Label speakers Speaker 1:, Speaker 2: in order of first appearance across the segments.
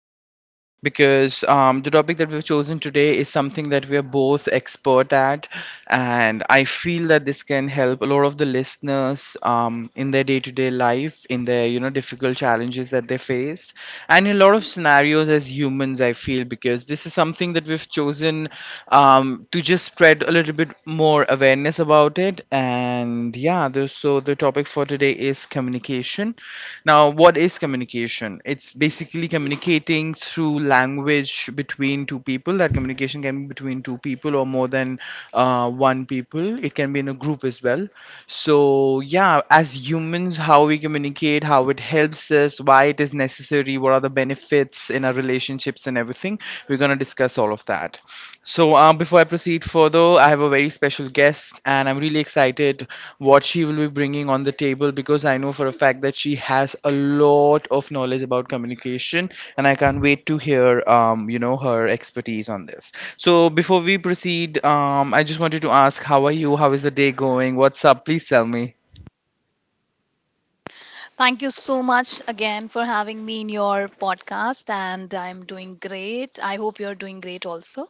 Speaker 1: again because the topic that we've chosen today is something that we are both expert at, and I feel that this can help a lot of the listeners in their day-to-day life, in their difficult challenges that they face, and in a lot of scenarios as humans. I feel because this is something that we've chosen to just spread a little bit more awareness about it. And yeah, so the topic for today is communication. Now, what is communication? It's basically communicating through language between two people. That communication can be between two people or more than one people. It can be in a group as well. So yeah, as humans, how we communicate, how it helps us, why it is necessary, what are the benefits in our relationships and everything. We're gonna discuss all of that. So, before I proceed further, I have a very special guest, and I'm really excited what she will be bringing on the table because I know for a fact that she has a lot of knowledge about communication, and I can't wait to hear, her expertise on this. So, before we proceed, I just wanted to ask, how are you? How is the day going? What's up? Please tell me.
Speaker 2: Thank you so much again for having me in your podcast, and I'm doing great. I hope you're doing great also.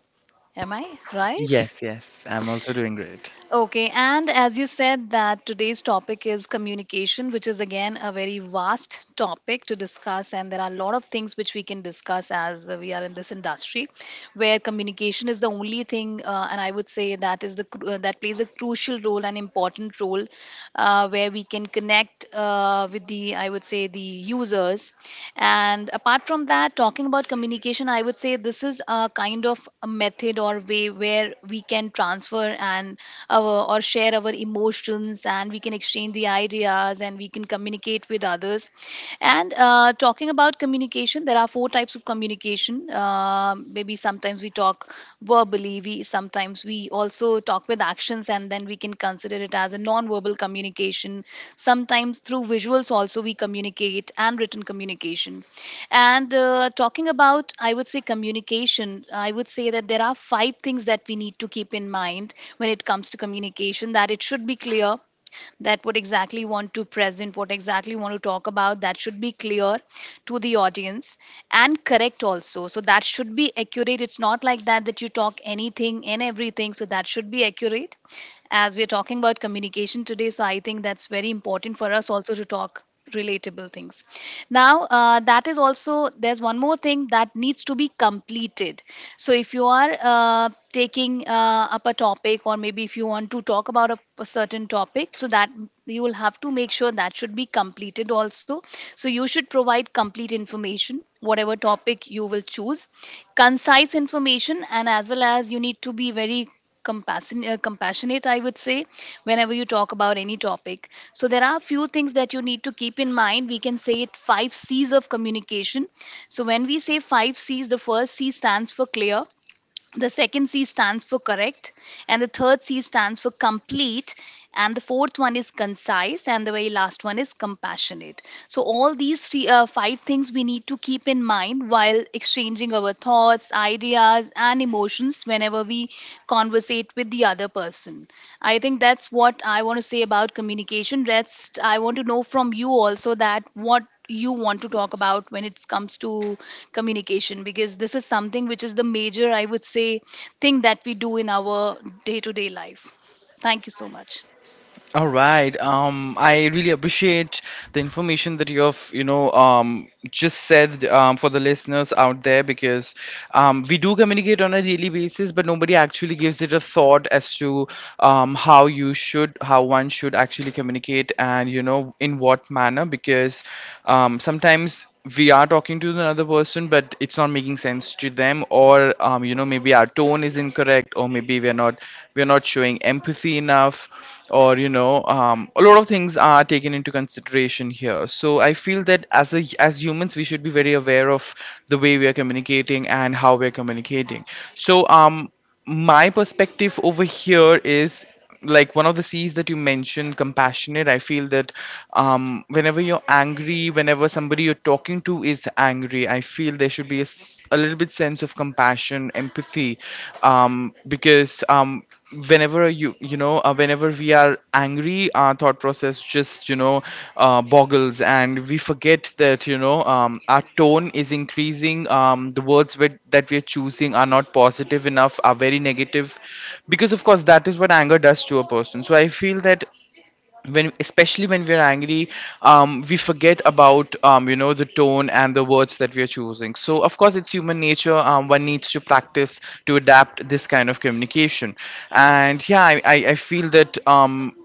Speaker 2: Am I right?
Speaker 1: Yes, yes, I'm also doing great.
Speaker 2: Okay, and as you said, that today's topic is communication, which is again a very vast topic to discuss, and there are a lot of things which we can discuss as we are in this industry, where communication is the only thing, and I would say that is that plays a crucial role, an important role, where we can connect with the, I would say, the users. And apart from that, talking about communication, I would say this is a kind of a method or way where we can transfer and our, or share our emotions and we can exchange the ideas and we can communicate with others. And talking about communication, there are four types of communication. Maybe sometimes we talk verbally, we sometimes we also talk with actions and then we can consider it as a non-verbal communication, sometimes through visuals also we communicate, and written communication. And talking about, I would say, communication, I would say that there are five things that we need to keep in mind when it comes to communication, that it should be clear, that what exactly want to present, what exactly want to talk about, that should be clear to the audience, and correct also. So that should be accurate. It's not like that that you talk anything and everything. So that should be accurate. As we're talking about communication today, so I think that's very important for us also to talk relatable things. Now, that is also, there's one more thing that needs to be completed. So if you are taking up a topic, or maybe if you want to talk about a certain topic, so that you will have to make sure that should be completed also. So you should provide complete information, whatever topic you will choose, concise information, and as well as you need to be very compassionate, I would say, whenever you talk about any topic. So there are a few things that you need to keep in mind. We can say it five C's of communication. So when we say five C's, the first C stands for clear. The second C stands for correct, and the third C stands for complete, and the fourth one is concise, and the very last one is compassionate. So, all these five things we need to keep in mind while exchanging our thoughts, ideas, and emotions whenever we conversate with the other person. I think that's what I want to say about communication. Rest, I want to know from you also that what you want to talk about when it comes to communication, because this is something which is the major, I would say, thing that we do in our day to day life. Thank you so much.
Speaker 1: All right. I really appreciate the information that you have, just said for the listeners out there because we do communicate on a daily basis, but nobody actually gives it a thought as to how you should, how one should actually communicate, and you know, in what manner. Because sometimes we are talking to another person, but it's not making sense to them, or you know, maybe our tone is incorrect, or maybe we're not showing empathy healthy enough or you know a lot of things are taken into consideration here, so I feel that as a as humans we should be very aware of the way we are communicating and how we are communicating. So my perspective over here is, like, one of the C's that you mentioned, compassionate. I feel that um, whenever you're angry, whenever somebody you're talking to is angry, I feel there should be a little bit sense of compassion, empathy, because whenever you you know whenever we are angry, our thought process just you know boggles, and we forget that you know our tone is increasing. The words that we are choosing are not positive enough, are very negative, because of course that is what anger does to a person. So I feel that when especially when we're angry we forget about the tone and the words that we are choosing. So of course it's human nature. One needs to practice to adapt this kind of communication. And yeah, I feel that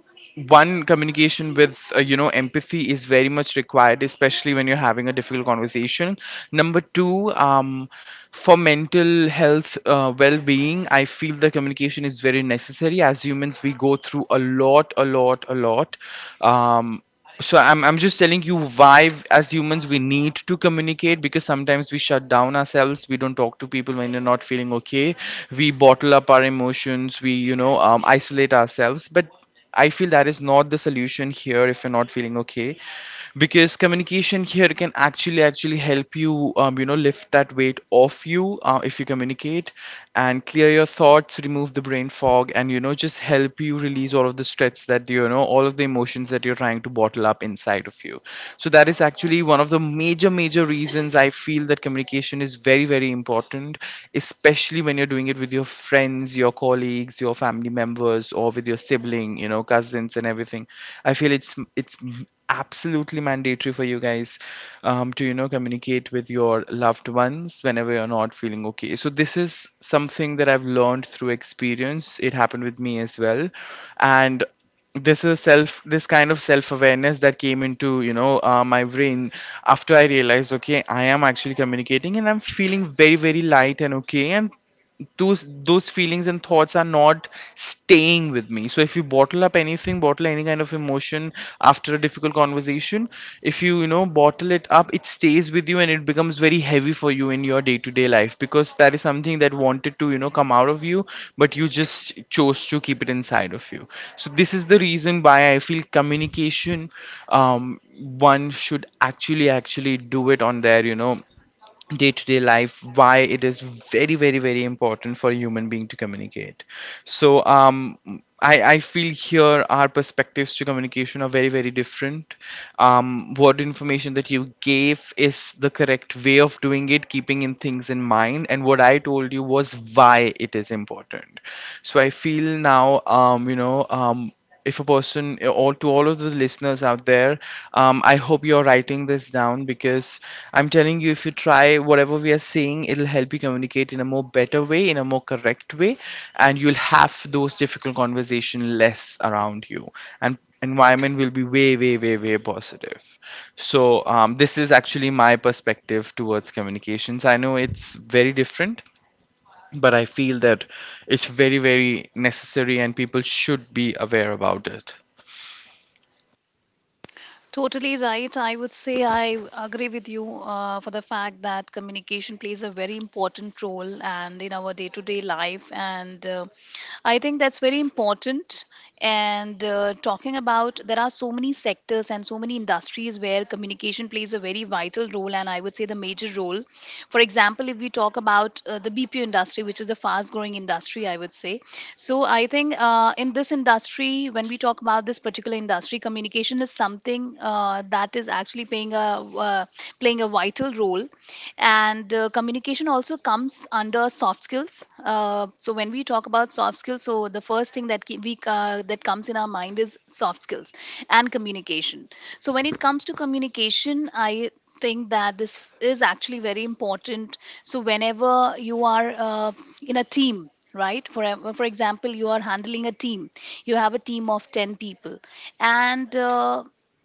Speaker 1: one communication with empathy is very much required, especially when you're having a difficult conversation. Number two, for mental health well-being, I feel the communication is very necessary. As humans we go through a lot, a lot. um, so I'm just telling you why as humans we need to communicate, because sometimes we shut down ourselves, we don't talk to people when they're not feeling okay, we bottle up our emotions, we isolate ourselves. But I feel that is not the solution here. If you're not feeling okay, because communication here can actually help you, you know, lift that weight off you, if you communicate and clear your thoughts, remove the brain fog, and you know, just help you release all of the stress, that you know, all of the emotions that you're trying to bottle up inside of you. So that is actually one of the major reasons I feel that communication is very, very important, especially when you're doing it with your friends, your colleagues, your family members, or with your sibling, you know, cousins and everything. I feel it's absolutely mandatory for you guys to you know communicate with your loved ones whenever you're not feeling okay. So this is something that I've learned through experience. It happened with me as well, and this kind of self awareness that came into you know my brain after I realized, okay, I am actually communicating and I'm feeling very, very light and okay, and those feelings and thoughts are not staying with me. So if you bottle up anything, bottle any kind of emotion after a difficult conversation, if you you know bottle it up, it stays with you and it becomes very heavy for you in your day to day life, because that is something that wanted to you know come out of you, but you just chose to keep it inside of you. So this is the reason why I feel communication um one should actually do it on their you know day-to-day life, why it is very, very, very important for a human being to communicate. So I feel here our perspectives to communication are very, very different. What information that you gave is the correct way of doing it, keeping in things in mind, and what I told you was why it is important. So I feel now if a person all to all of the listeners out there, I hope you're writing this down, because I'm telling you, if you try whatever we are saying, it'll help you communicate in a more better way, in a more correct way, and you'll have those difficult conversation less around you, and environment will be way, way positive. So this is actually my perspective towards communications. I know it's very different, but I feel that it's very, very necessary and people should be aware about it.
Speaker 2: Totally right. I would say I agree with you for the fact that communication plays a very important role and in our day-to-day life, and I think that's very important. And talking about, there are so many sectors and so many industries where communication plays a very vital role, and I would say the major role. For example, if we talk about the BPO industry, which is the fast-growing industry, I would say. So I think in this industry, when we talk about this particular industry, communication is something that is actually playing a uh, playing a vital role. And communication also comes under soft skills. So when we talk about soft skills, so the first thing that ki- we that comes in our mind is soft skills and communication. So when it comes to communication, I think that this is actually very important. So whenever you are in a team, right, for example, you are handling a team, you have a team of 10 people, and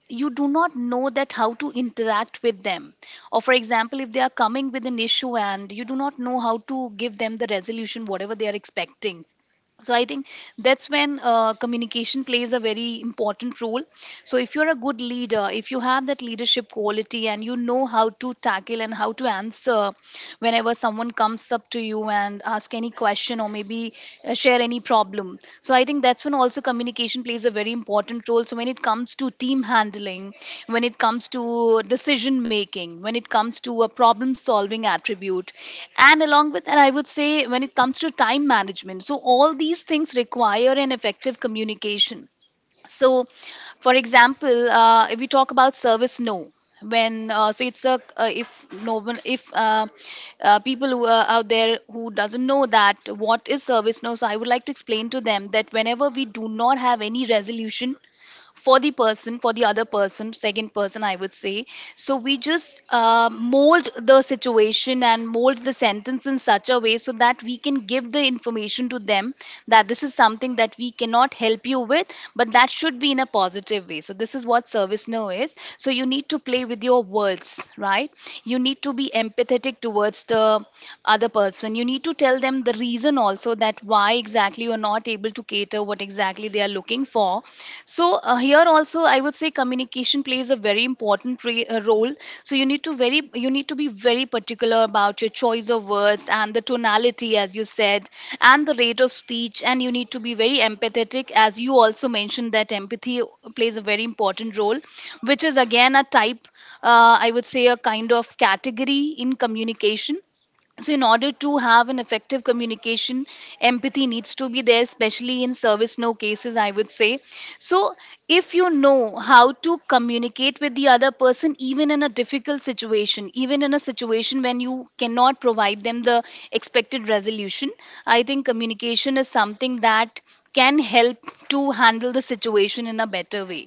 Speaker 2: you do not know that how to interact with them, or for example, if they are coming with an issue and you do not know how to give them the resolution whatever they are expecting. So I think that's when communication plays a very important role. So if you're a good leader, if you have that leadership quality and you know how to tackle and how to answer whenever someone comes up to you and ask any question, or maybe share any problem, so I think that's when also communication plays a very important role. So when it comes to team handling, when it comes to decision making, when it comes to a problem solving attribute, and along with that, I would say when it comes to time management. So all these things require an effective communication. So for example, if we talk about service no, when so it's a if no one if people who are out there who doesn't know that what is service no, so I would like to explain to them that whenever we do not have any resolution for the person, for the other person, second person, I would say, so we just mold the situation and mold the sentence in such a way so that we can give the information to them that this is something that we cannot help you with, but that should be in a positive way. So this is what service know is. So you need to play with your words, right? You need to be empathetic towards the other person. You need to tell them the reason also, that why exactly you are not able to cater what exactly they are looking for. So here also I would say communication plays a very important role. So you need to very, you need to be very particular about your choice of words and the tonality, as you said, and the rate of speech, and you need to be very empathetic, as you also mentioned that empathy plays a very important role, which is again a type, I would say, a kind of category in communication. So in order to have an effective communication, empathy needs to be there, especially in service no cases, I would say. So if you know how to communicate with the other person even in a difficult situation, even in a situation when you cannot provide them the expected resolution, I think communication is something that can help to handle the situation in a better way.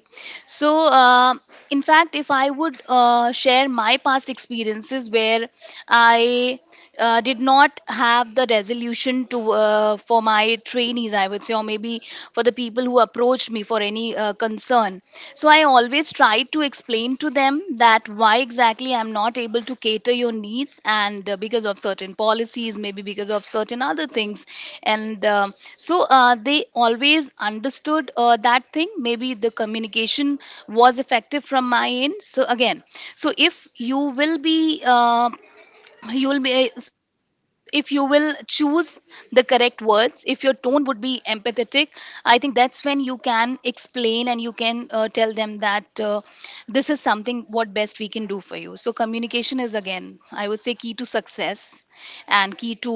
Speaker 2: So, in fact, if I would share my past experiences where I did not have the resolution to for my trainees, I would say, or maybe for the people who approached me for any concern. So, I always tried to explain to them that that why exactly I'm not able to cater your needs, and because of certain policies, maybe because of certain other things. And So they always understood that thing. Maybe the communication was effective from my end. So, again, so if you will be uh, you'll be if you will choose the correct words, if your tone would be empathetic, I think that's when you can explain and you can tell them that this is something what best we can do for you. So communication is again, I would say, key to success and key to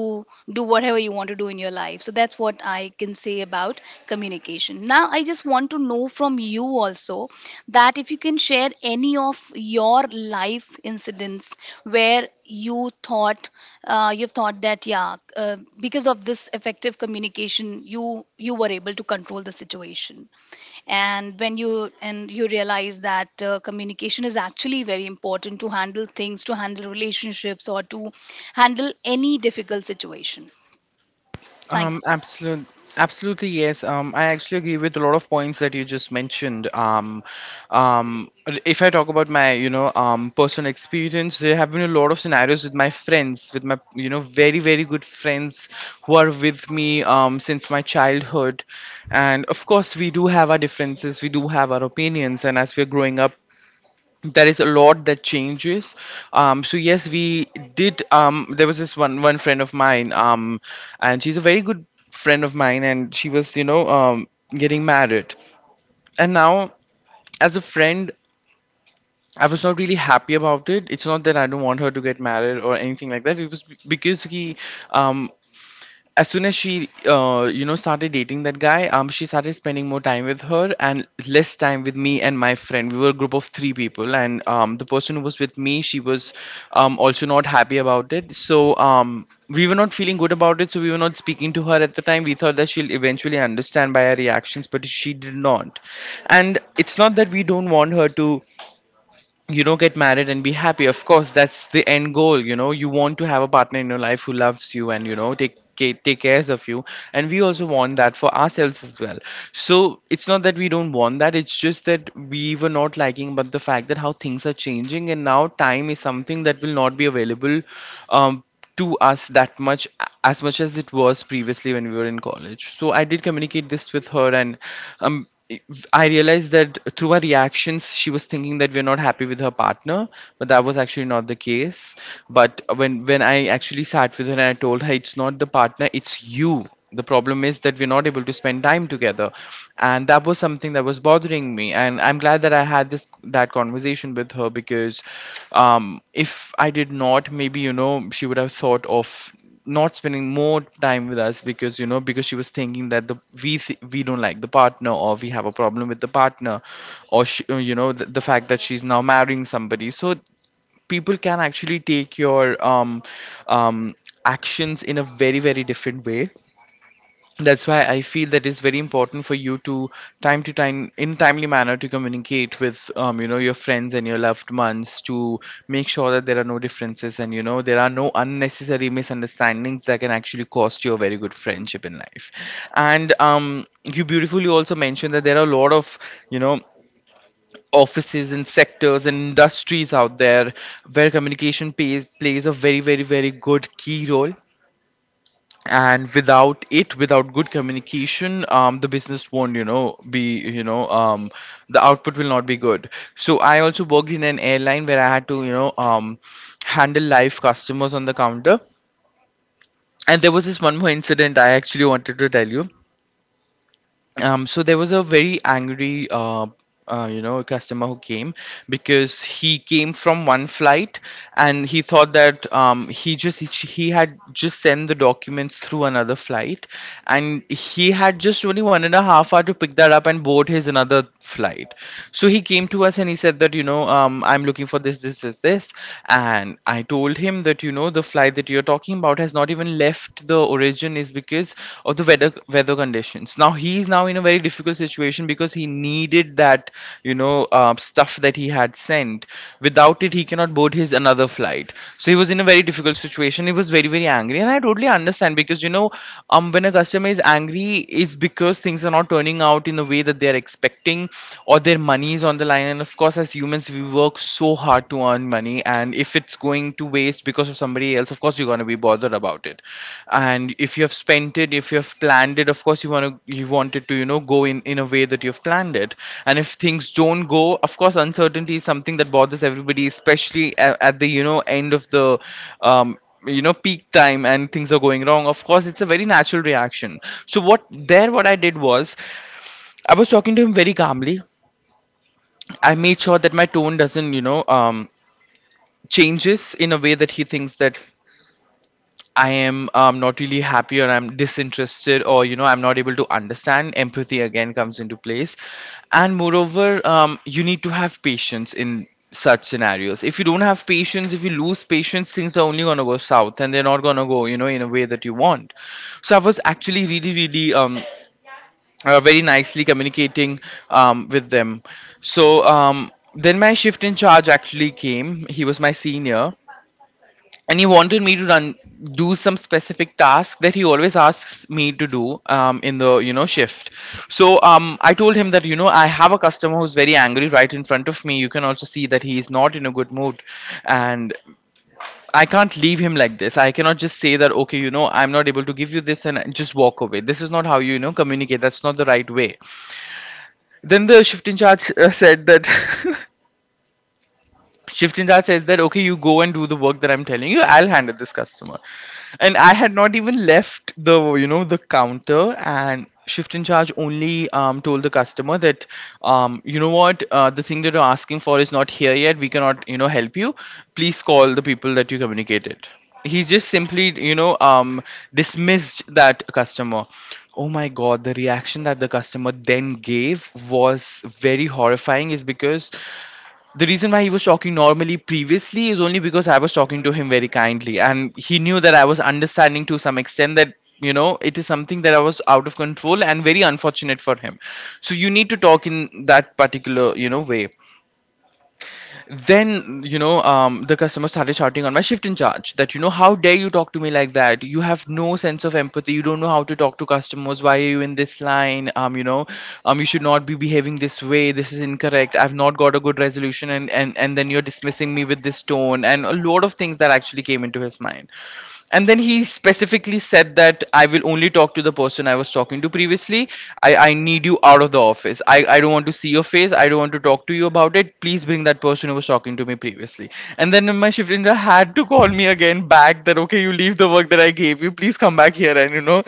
Speaker 2: do whatever you want to do in your life. So that's what I can say about communication. Now, I just want to know from you also that if you can share any of your life incidents where you thought, you've thought that yeah, because of this effective communication, you were able to control the situation, and when you and you realize that communication is actually very important to handle things, to handle relationships, or to handle any difficult situation. Thank you
Speaker 1: Um,
Speaker 2: so much.
Speaker 1: absolute, absolutely, yes. I actually agree with a lot of points that you just mentioned. Um, if I talk about my, personal experience, there have been a lot of scenarios with my friends, with my, you know, very, very good friends who are with me since my childhood, and of course, we do have our differences, we do have our opinions, and as we're growing up, there is a lot that changes. So yes, we did, there was this one friend of mine, and she's a very good friend of mine, and she was you know getting married, and now as a friend, I was not really happy about it. It's not that I don't want her to get married or anything like that. It was because he, um, as soon as she you know started dating that guy, um, she started spending more time with her and less time with me and my friend. We were a group of three people, and um, the person who was with me, she was also not happy about it. So um, we were not feeling good about it, so we were not speaking to her at the time. We thought that she'll eventually understand by our reactions, but she did not. And it's not that we don't want her to you know get married and be happy. Of course that's the end goal, you know, you want to have a partner in your life who loves you and you know take cares of you, and we also want that for ourselves as well. So it's not that we don't want that. It's just that we were not liking but the fact that how things are changing, and now time is something that will not be available um to us that much, as much as it was previously when we were in college. So I did communicate this with her, and um I realized that through her reactions she was thinking that we're not happy with her partner, but that was actually not the case. But when I actually sat with her and I told her, it's not the partner, it's you. The problem is that we're not able to spend time together, and that was something that was bothering me, and I'm glad that I had this that conversation with her. Because if I did not, maybe you know, she would have thought of not spending more time with us, because you know, because she was thinking that we don't like the partner, or we have a problem with the partner, or she, you know, the fact that she's now marrying somebody, so people can actually take your um, actions in a very very different way. That's why I feel that it's very important for you to time to time, in timely manner, to communicate with your friends and your loved ones, to make sure that there are no differences, and there are no unnecessary misunderstandings that can actually cost you a very good friendship in life. And you beautifully also mentioned that there are a lot of, you know offices and sectors and industries out there where communication plays a very very very good key role. And without it, without good communication, the business won't, be, the output will not be good. So I also worked in an airline where I had to, handle live customers on the counter. And there was this one more incident I actually wanted to tell you. So there was a very angry, customer who came, because he came from one flight, and he thought that he had just sent the documents through another flight, and he had just only 1.5 hour to pick that up and board his another flight. So he came to us and he said that, I'm looking for this, this, this, this. And I told him that, the flight that you're talking about has not even left the origin, is because of the weather conditions. Now he is now in a very difficult situation because he needed that, stuff that he had sent. Without it, he cannot board his another flight. So he was in a very difficult situation. He was very very angry, and I totally understand, because, when a customer is angry, it's because things are not turning out in the way that they are expecting, or their money is on the line. And of course, as humans, we were work so hard to earn money, and if it's going to waste because of somebody else, of course you're gonna be bothered about it. And if you have spent it, if you have planned it, of course you want it to, go in a way that you've planned it. And if things don't go, of course uncertainty is something that bothers everybody, especially at the, end of the, um, peak time, and things are going wrong, of course it's a very natural reaction. So what I did was, I was talking to him very calmly. I made sure that my tone doesn't, changes in a way that he thinks that I am, not really happy, or I'm disinterested, or, I'm not able to understand. Empathy again comes into place, and moreover, you need to have patience in such scenarios. If you don't have patience, if you lose patience, things are only gonna go south, and they're not gonna go, in a way that you want. So I was actually really really very nicely communicating, with them. So, then my shift in charge actually came. He was my senior, and he wanted me to run do some specific task that he always asks me to do, in the, shift. So, I told him that, I have a customer who's very angry right in front of me. You can also see that he is not in a good mood. And I can't leave him like this. I cannot just say that, okay, I'm not able to give you this, and just walk away. This is not how you, you know communicate. That's not the right way. Then the shift in charge said that Shift in charge says that, okay, you go and do the work that I'm telling you. I'll handle this customer. And I had not even left the you know the counter, and Shift in Charge only, told the customer that, you know what, the thing that you're asking for is not here yet. We cannot, help you. Please call the people that you communicated. He's just simply, dismissed that customer. Oh my god, the reaction that the customer then gave was very horrifying. Is because the reason why he was talking normally previously is only because I was talking to him very kindly, and he knew that I was understanding to some extent that, it is something that I was out of control and very unfortunate for him. So you need to talk in that particular, way. Then, the customer started shouting on my shift in charge that, how dare you talk to me like that? You have no sense of empathy. You don't know how to talk to customers. Why are you in this line? You should not be behaving this way. This is incorrect. I've not got a good resolution. And then you're dismissing me with this tone, and a lot of things that actually came into his mind. And then he specifically said that I will only talk to the person I was talking to previously. I need you out of the office. I don't want to see your face. I don't want to talk to you about it. Please bring that person who was talking to me previously. And then my shift engineer had to call me again back, that okay, you leave the work that I gave you, please come back here and,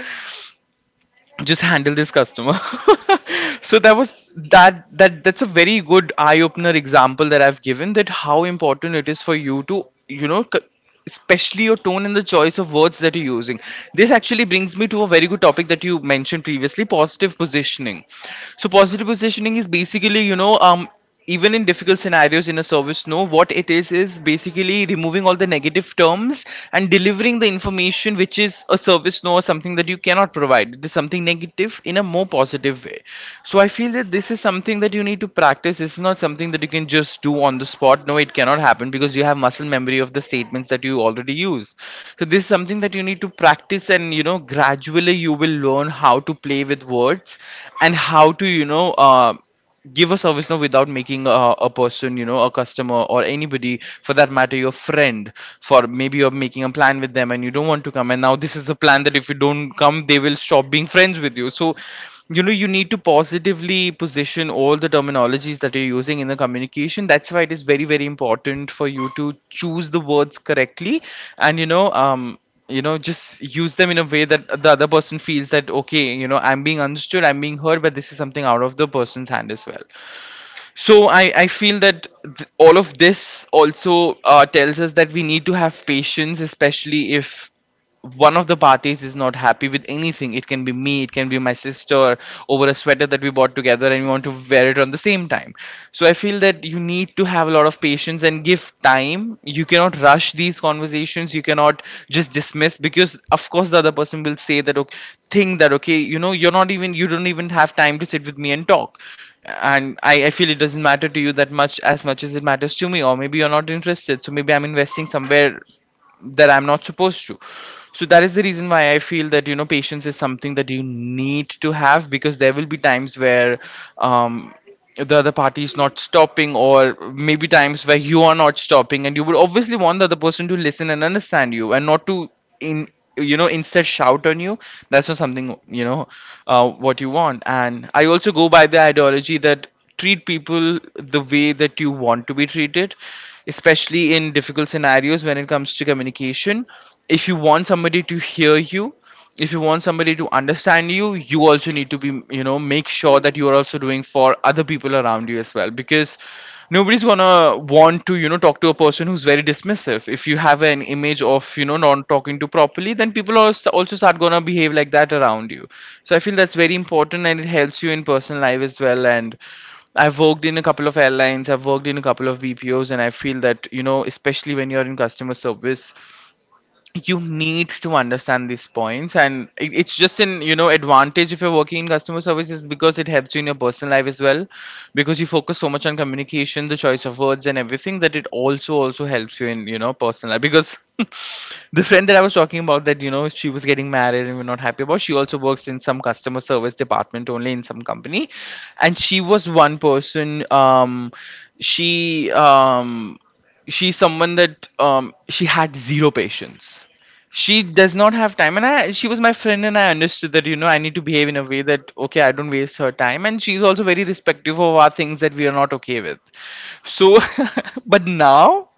Speaker 1: just handle this customer. So that was that, that's a very good eye opener example that I've given, that how important it is for you to, especially your tone and the choice of words that you're using. This actually brings me to a very good topic that you mentioned previously: positive positioning. So positive positioning is basically, even in difficult scenarios in a service, no, what it is basically removing all the negative terms, and delivering the information, which is a service, no, or something that you cannot provide, it is something negative, in a more positive way. So I feel that this is something that you need to practice. It's not something that you can just do on the spot. No, it cannot happen because you have muscle memory of the statements that you already use. So this is something that you need to practice, and, gradually you will learn how to play with words, and how to, give a service now, without making a person, a customer, or anybody for that matter, your friend. For maybe you're making a plan with them and you don't want to come, and now this is a plan that if you don't come they will stop being friends with you. So, you need to positively position all the terminologies that you're using in the communication. That's why it is very very important for you to choose the words correctly. And just use them in a way that the other person feels that, okay, I'm being understood, I'm being heard. But this is something out of the person's hand as well. So I feel that all of this also, tells us that we need to have patience, especially if one of the parties is not happy with anything. It can be me, it can be my sister, over a sweater that we bought together and we want to wear it on the same time. So I feel that you need to have a lot of patience and give time. You cannot rush these conversations. You cannot just dismiss because, of course, the other person will say that okay, think that okay, you're not even you don't even have time to sit with me and talk, and I feel it doesn't matter to you that much as it matters to me, or maybe you're not interested, so maybe I'm investing somewhere that I'm not supposed to. So that is the reason why I feel that patience is something that you need to have, because there will be times where um the other party is not stopping, or maybe times where you are not stopping and you would obviously want the other person to listen and understand you and not to in instead shout on you. That's not something what you want. And I also go by the ideology that treat people the way that you want to be treated, especially in difficult scenarios when it comes to communication. If you want somebody to hear you, if you want somebody to understand you, you also need to be, make sure that you are also doing for other people around you as well, because nobody's gonna want to talk to a person who's very dismissive. If you have an image of not talking to properly, then people are also start gonna behave like that around you. So I feel that's very important, and it helps you in personal life as well. And I've worked in a couple of airlines, I've worked in a couple of BPOs, and I feel that, especially when you're in customer service, you need to understand these points, and it's just an advantage if you're working in customer services, because it helps you in your personal life as well, because you focus so much on communication, the choice of words and everything, that it also helps you in personal life, because the friend that I was talking about that she was getting married and we're not happy about, she also works in some customer service department only in some company. And she was one person, she she's someone that she had zero patience. She does not have time, and I she was my friend, and I understood that I need to behave in a way that okay, I don't waste her time, and she's also very respective of our things that we are not okay with. So but now,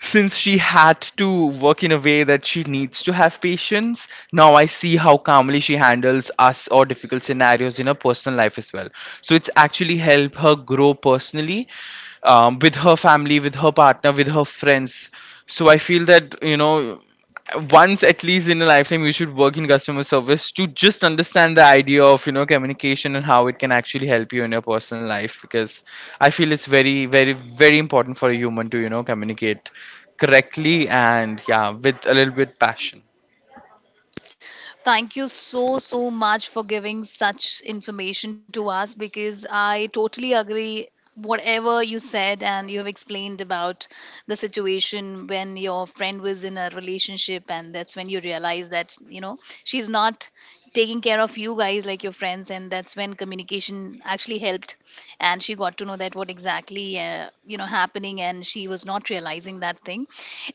Speaker 1: since she had to work in a way that she needs to have patience, now I see how calmly she handles us or difficult scenarios in her personal life as well. So it's actually helped her grow personally, with her family, with her partner, with her friends. So I feel that, once at least in a lifetime, you should work in customer service to just understand the idea of communication and how it can actually help you in your personal life, because I feel it's very, very, very important for a human to communicate correctly, and yeah, with a little bit passion.
Speaker 2: Thank you so, so much for giving such information to us, because I totally agree whatever you said and you have explained about the situation when your friend was in a relationship, and that's when you realize that, you know, she's not taking care of you guys like your friends, and that's when communication actually helped, and she got to know that what exactly, you know, happening, and she was not realizing that thing.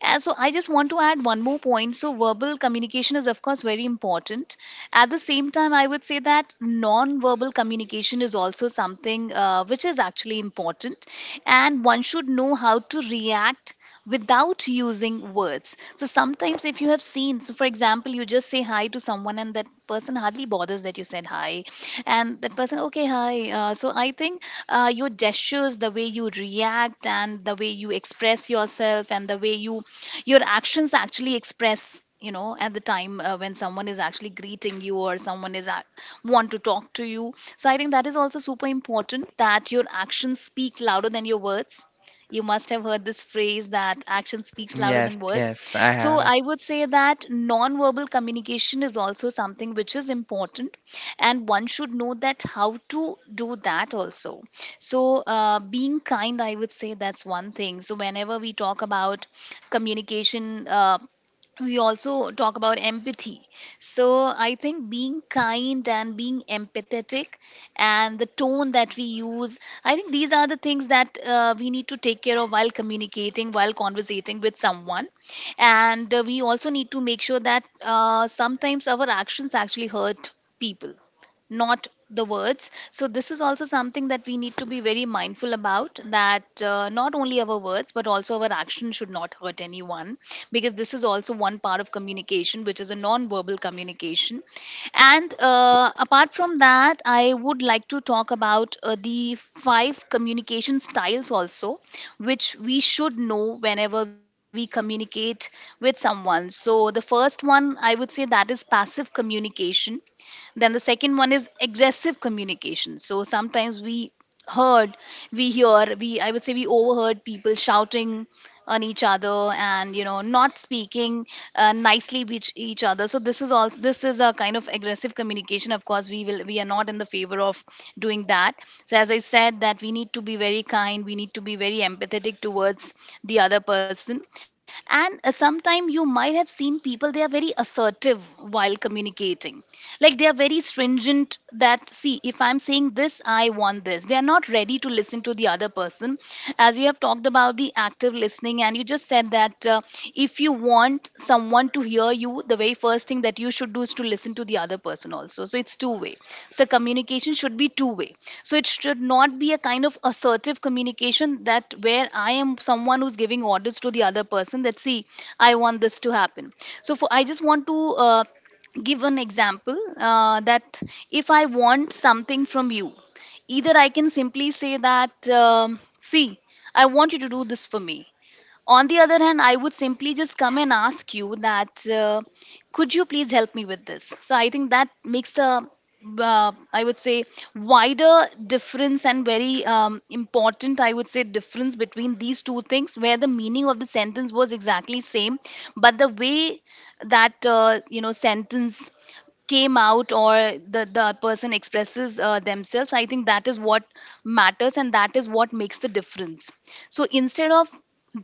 Speaker 2: So I just want to add one more point. So verbal communication is of course very important. At the same time, I would say that non-verbal communication is also something, which is actually important, and one should know how to react without using words. So sometimes if you have seen, so for example, you just say hi to someone and that person hardly bothers that you said hi and that person okay hi so I think your gestures, the way you react and the way you express yourself and the way you, your actions actually express, at the time when someone is actually greeting you or someone is ac want to talk to you. So I think that is also super important, that your actions speak louder than your words. You must have heard this phrase that action speaks louder
Speaker 1: Yes,
Speaker 2: than words.
Speaker 1: yes, I
Speaker 2: So
Speaker 1: have.
Speaker 2: I would say that non-verbal communication is also something which is important, and one should know that how to do that also. Being kind, I would say that's one thing. So, whenever we talk about communication, we also talk about empathy. So, I think being kind and being empathetic and the tone that we use, I think these are the things that we need to take care of while communicating, while conversating with someone. And we also need to make sure that sometimes our actions actually hurt people, not the words. So, this is also something that we need to be very mindful about, that not only our words but also our action should not hurt anyone, because this is also one part of communication, which is a non verbal communication. And apart from that, I would like to talk about the five communication styles also, which we should know whenever we communicate with someone. So, the first one I would say that is passive communication. Then the second one is aggressive communication. So sometimes we heard, we hear, we, I would say we overheard people shouting on each other and not speaking nicely with each other. So this is also, this is a kind of aggressive communication. Of course we are not in the favor of doing that. So as I said, that we need to be very kind, we need to be very empathetic towards the other person. And sometimes you might have seen people they are very assertive while communicating, like they are very stringent, that see if I'm saying this, I want this, they are not ready to listen to the other person. As you have talked about the active listening, and you just said that if you want someone to hear you, the very first thing that you should do is to listen to the other person also, so it's two way. So communication should be two way. So it should not be a kind of assertive communication, that where I am someone who's giving orders to the other person, that see, I want this to happen. So for, I just want to uh, give an example, that if I want something from you, either I can simply say that, see, I want you to do this for me. On the other hand, I would simply just come and ask you that, could you please help me with this? So I think that makes a, I would say, wider difference, and very important, I would say, difference between these two things, where the meaning of the sentence was exactly same, but the way that sentence came out, or the person expresses themselves, I think that is what matters and that is what makes the difference. So instead of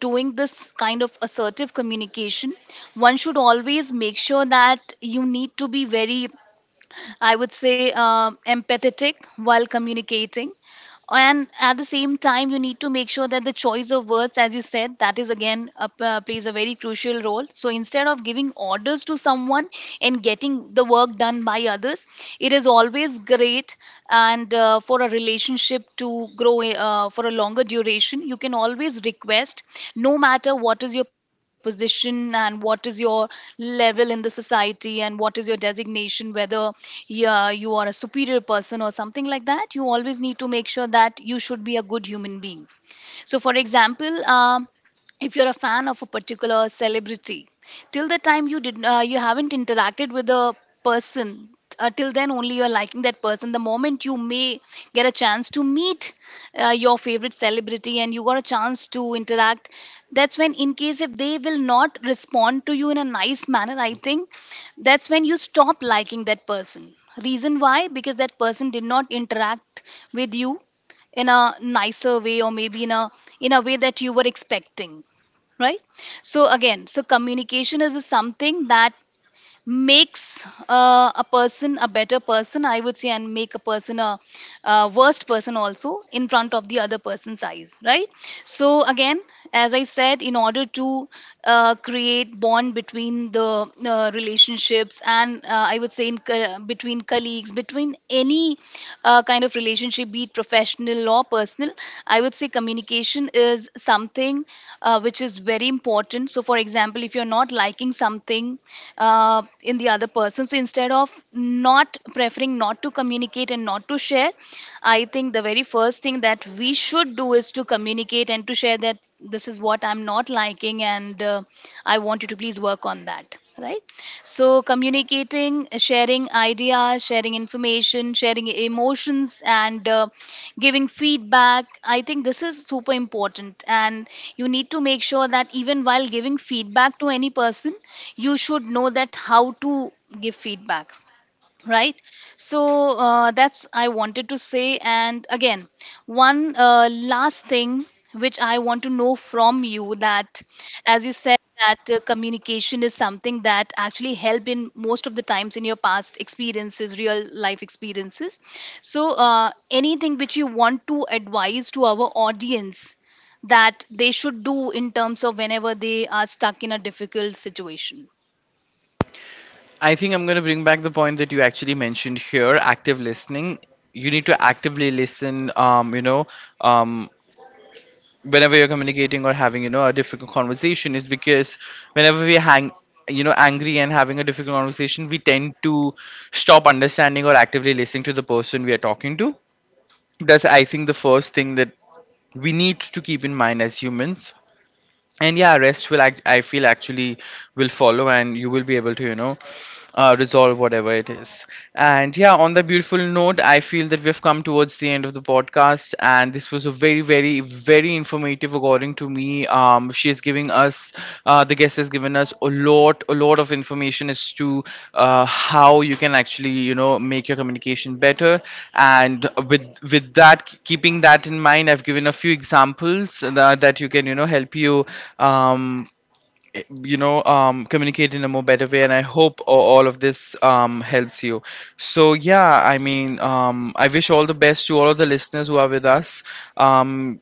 Speaker 2: doing this kind of assertive communication, one should always make sure that you need to be very, I would say, empathetic while communicating. And at the same time, you need to make sure that the choice of words, as you said, that is again a, plays a very crucial role. So instead of giving orders to someone and getting the work done by others, it is always great, and for a relationship to grow for a longer duration, you can always request, no matter what is your position and what is your level in the society and what is your designation, whether yeah, you are a superior person or something like that, you always need to make sure that you should be a good human being. So for example if you're a fan of a particular celebrity, till the time you did you haven't interacted with the person, till then only you're liking that person. The moment you may get a chance to meet your favorite celebrity and you got a chance to interact, that's when, in case if they will not respond to you in a nice manner, I think that's when you stop liking that person. Reason why? Because that person did not interact with you in a nicer way, or maybe in a, in a way that you were expecting, right? So again, so communication is something that makes a person a better person, I would say, and make a person a, worst person also, in front of the other person's eyes, right? So again, as I said, in order to create bond between the relationships, and I would say in between colleagues, between any kind of relationship, be it professional or personal, I would say communication is something which is very important. So, for example, if you're not liking something in the other person, so instead of not preferring not to communicate and not to share, I think the very first thing that we should do is to communicate and to share that this is what I'm not liking, and I want you to please work on that, right? So, communicating, sharing ideas, sharing information, sharing emotions, and giving feedback, I think this is super important. And you need to make sure that even while giving feedback to any person, you should know that how to give feedback, right? So that's I wanted to say. And again, one last thing which I want to know from you, that as you said that communication is something that actually helped in most of the times in your past experiences, real life experiences. So anything which you want to advise to our audience that they should do, in terms of whenever they are stuck in a difficult situation.
Speaker 1: I think I'm going to bring back the point that you actually mentioned here, active listening. You need to actively listen, um, whenever you're communicating or having a difficult conversation, is because whenever we hang, angry and having a difficult conversation, we tend to stop understanding or actively listening to the person we are talking to. That's, I think, the first thing that we need to keep in mind as humans. And yeah, rest will I feel, actually will follow, and you will be able to resolve whatever it is. And yeah, on that beautiful note, I feel that we've come towards the end of the podcast, and this was a very, very, very informative according to me. She's giving us, the guest has given us a lot of information as to how you can actually, you know, make your communication better. And with that, keeping that in mind, I've given a few examples that, that you can, you know, help you, um, you know communicate in a more better way, and I hope all of this helps you. So yeah, I mean, I wish all the best to all of the listeners who are with us, um,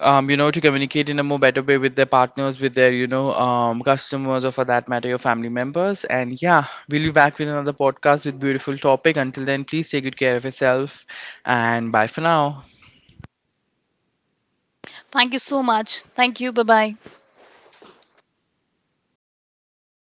Speaker 1: to communicate in a more better way with their partners, with their, customers, or for that matter your family members. And yeah, we'll be back with another podcast with beautiful topic. Until then, please take good care of yourself, and bye for now.
Speaker 2: Thank you so much, thank you, bye bye.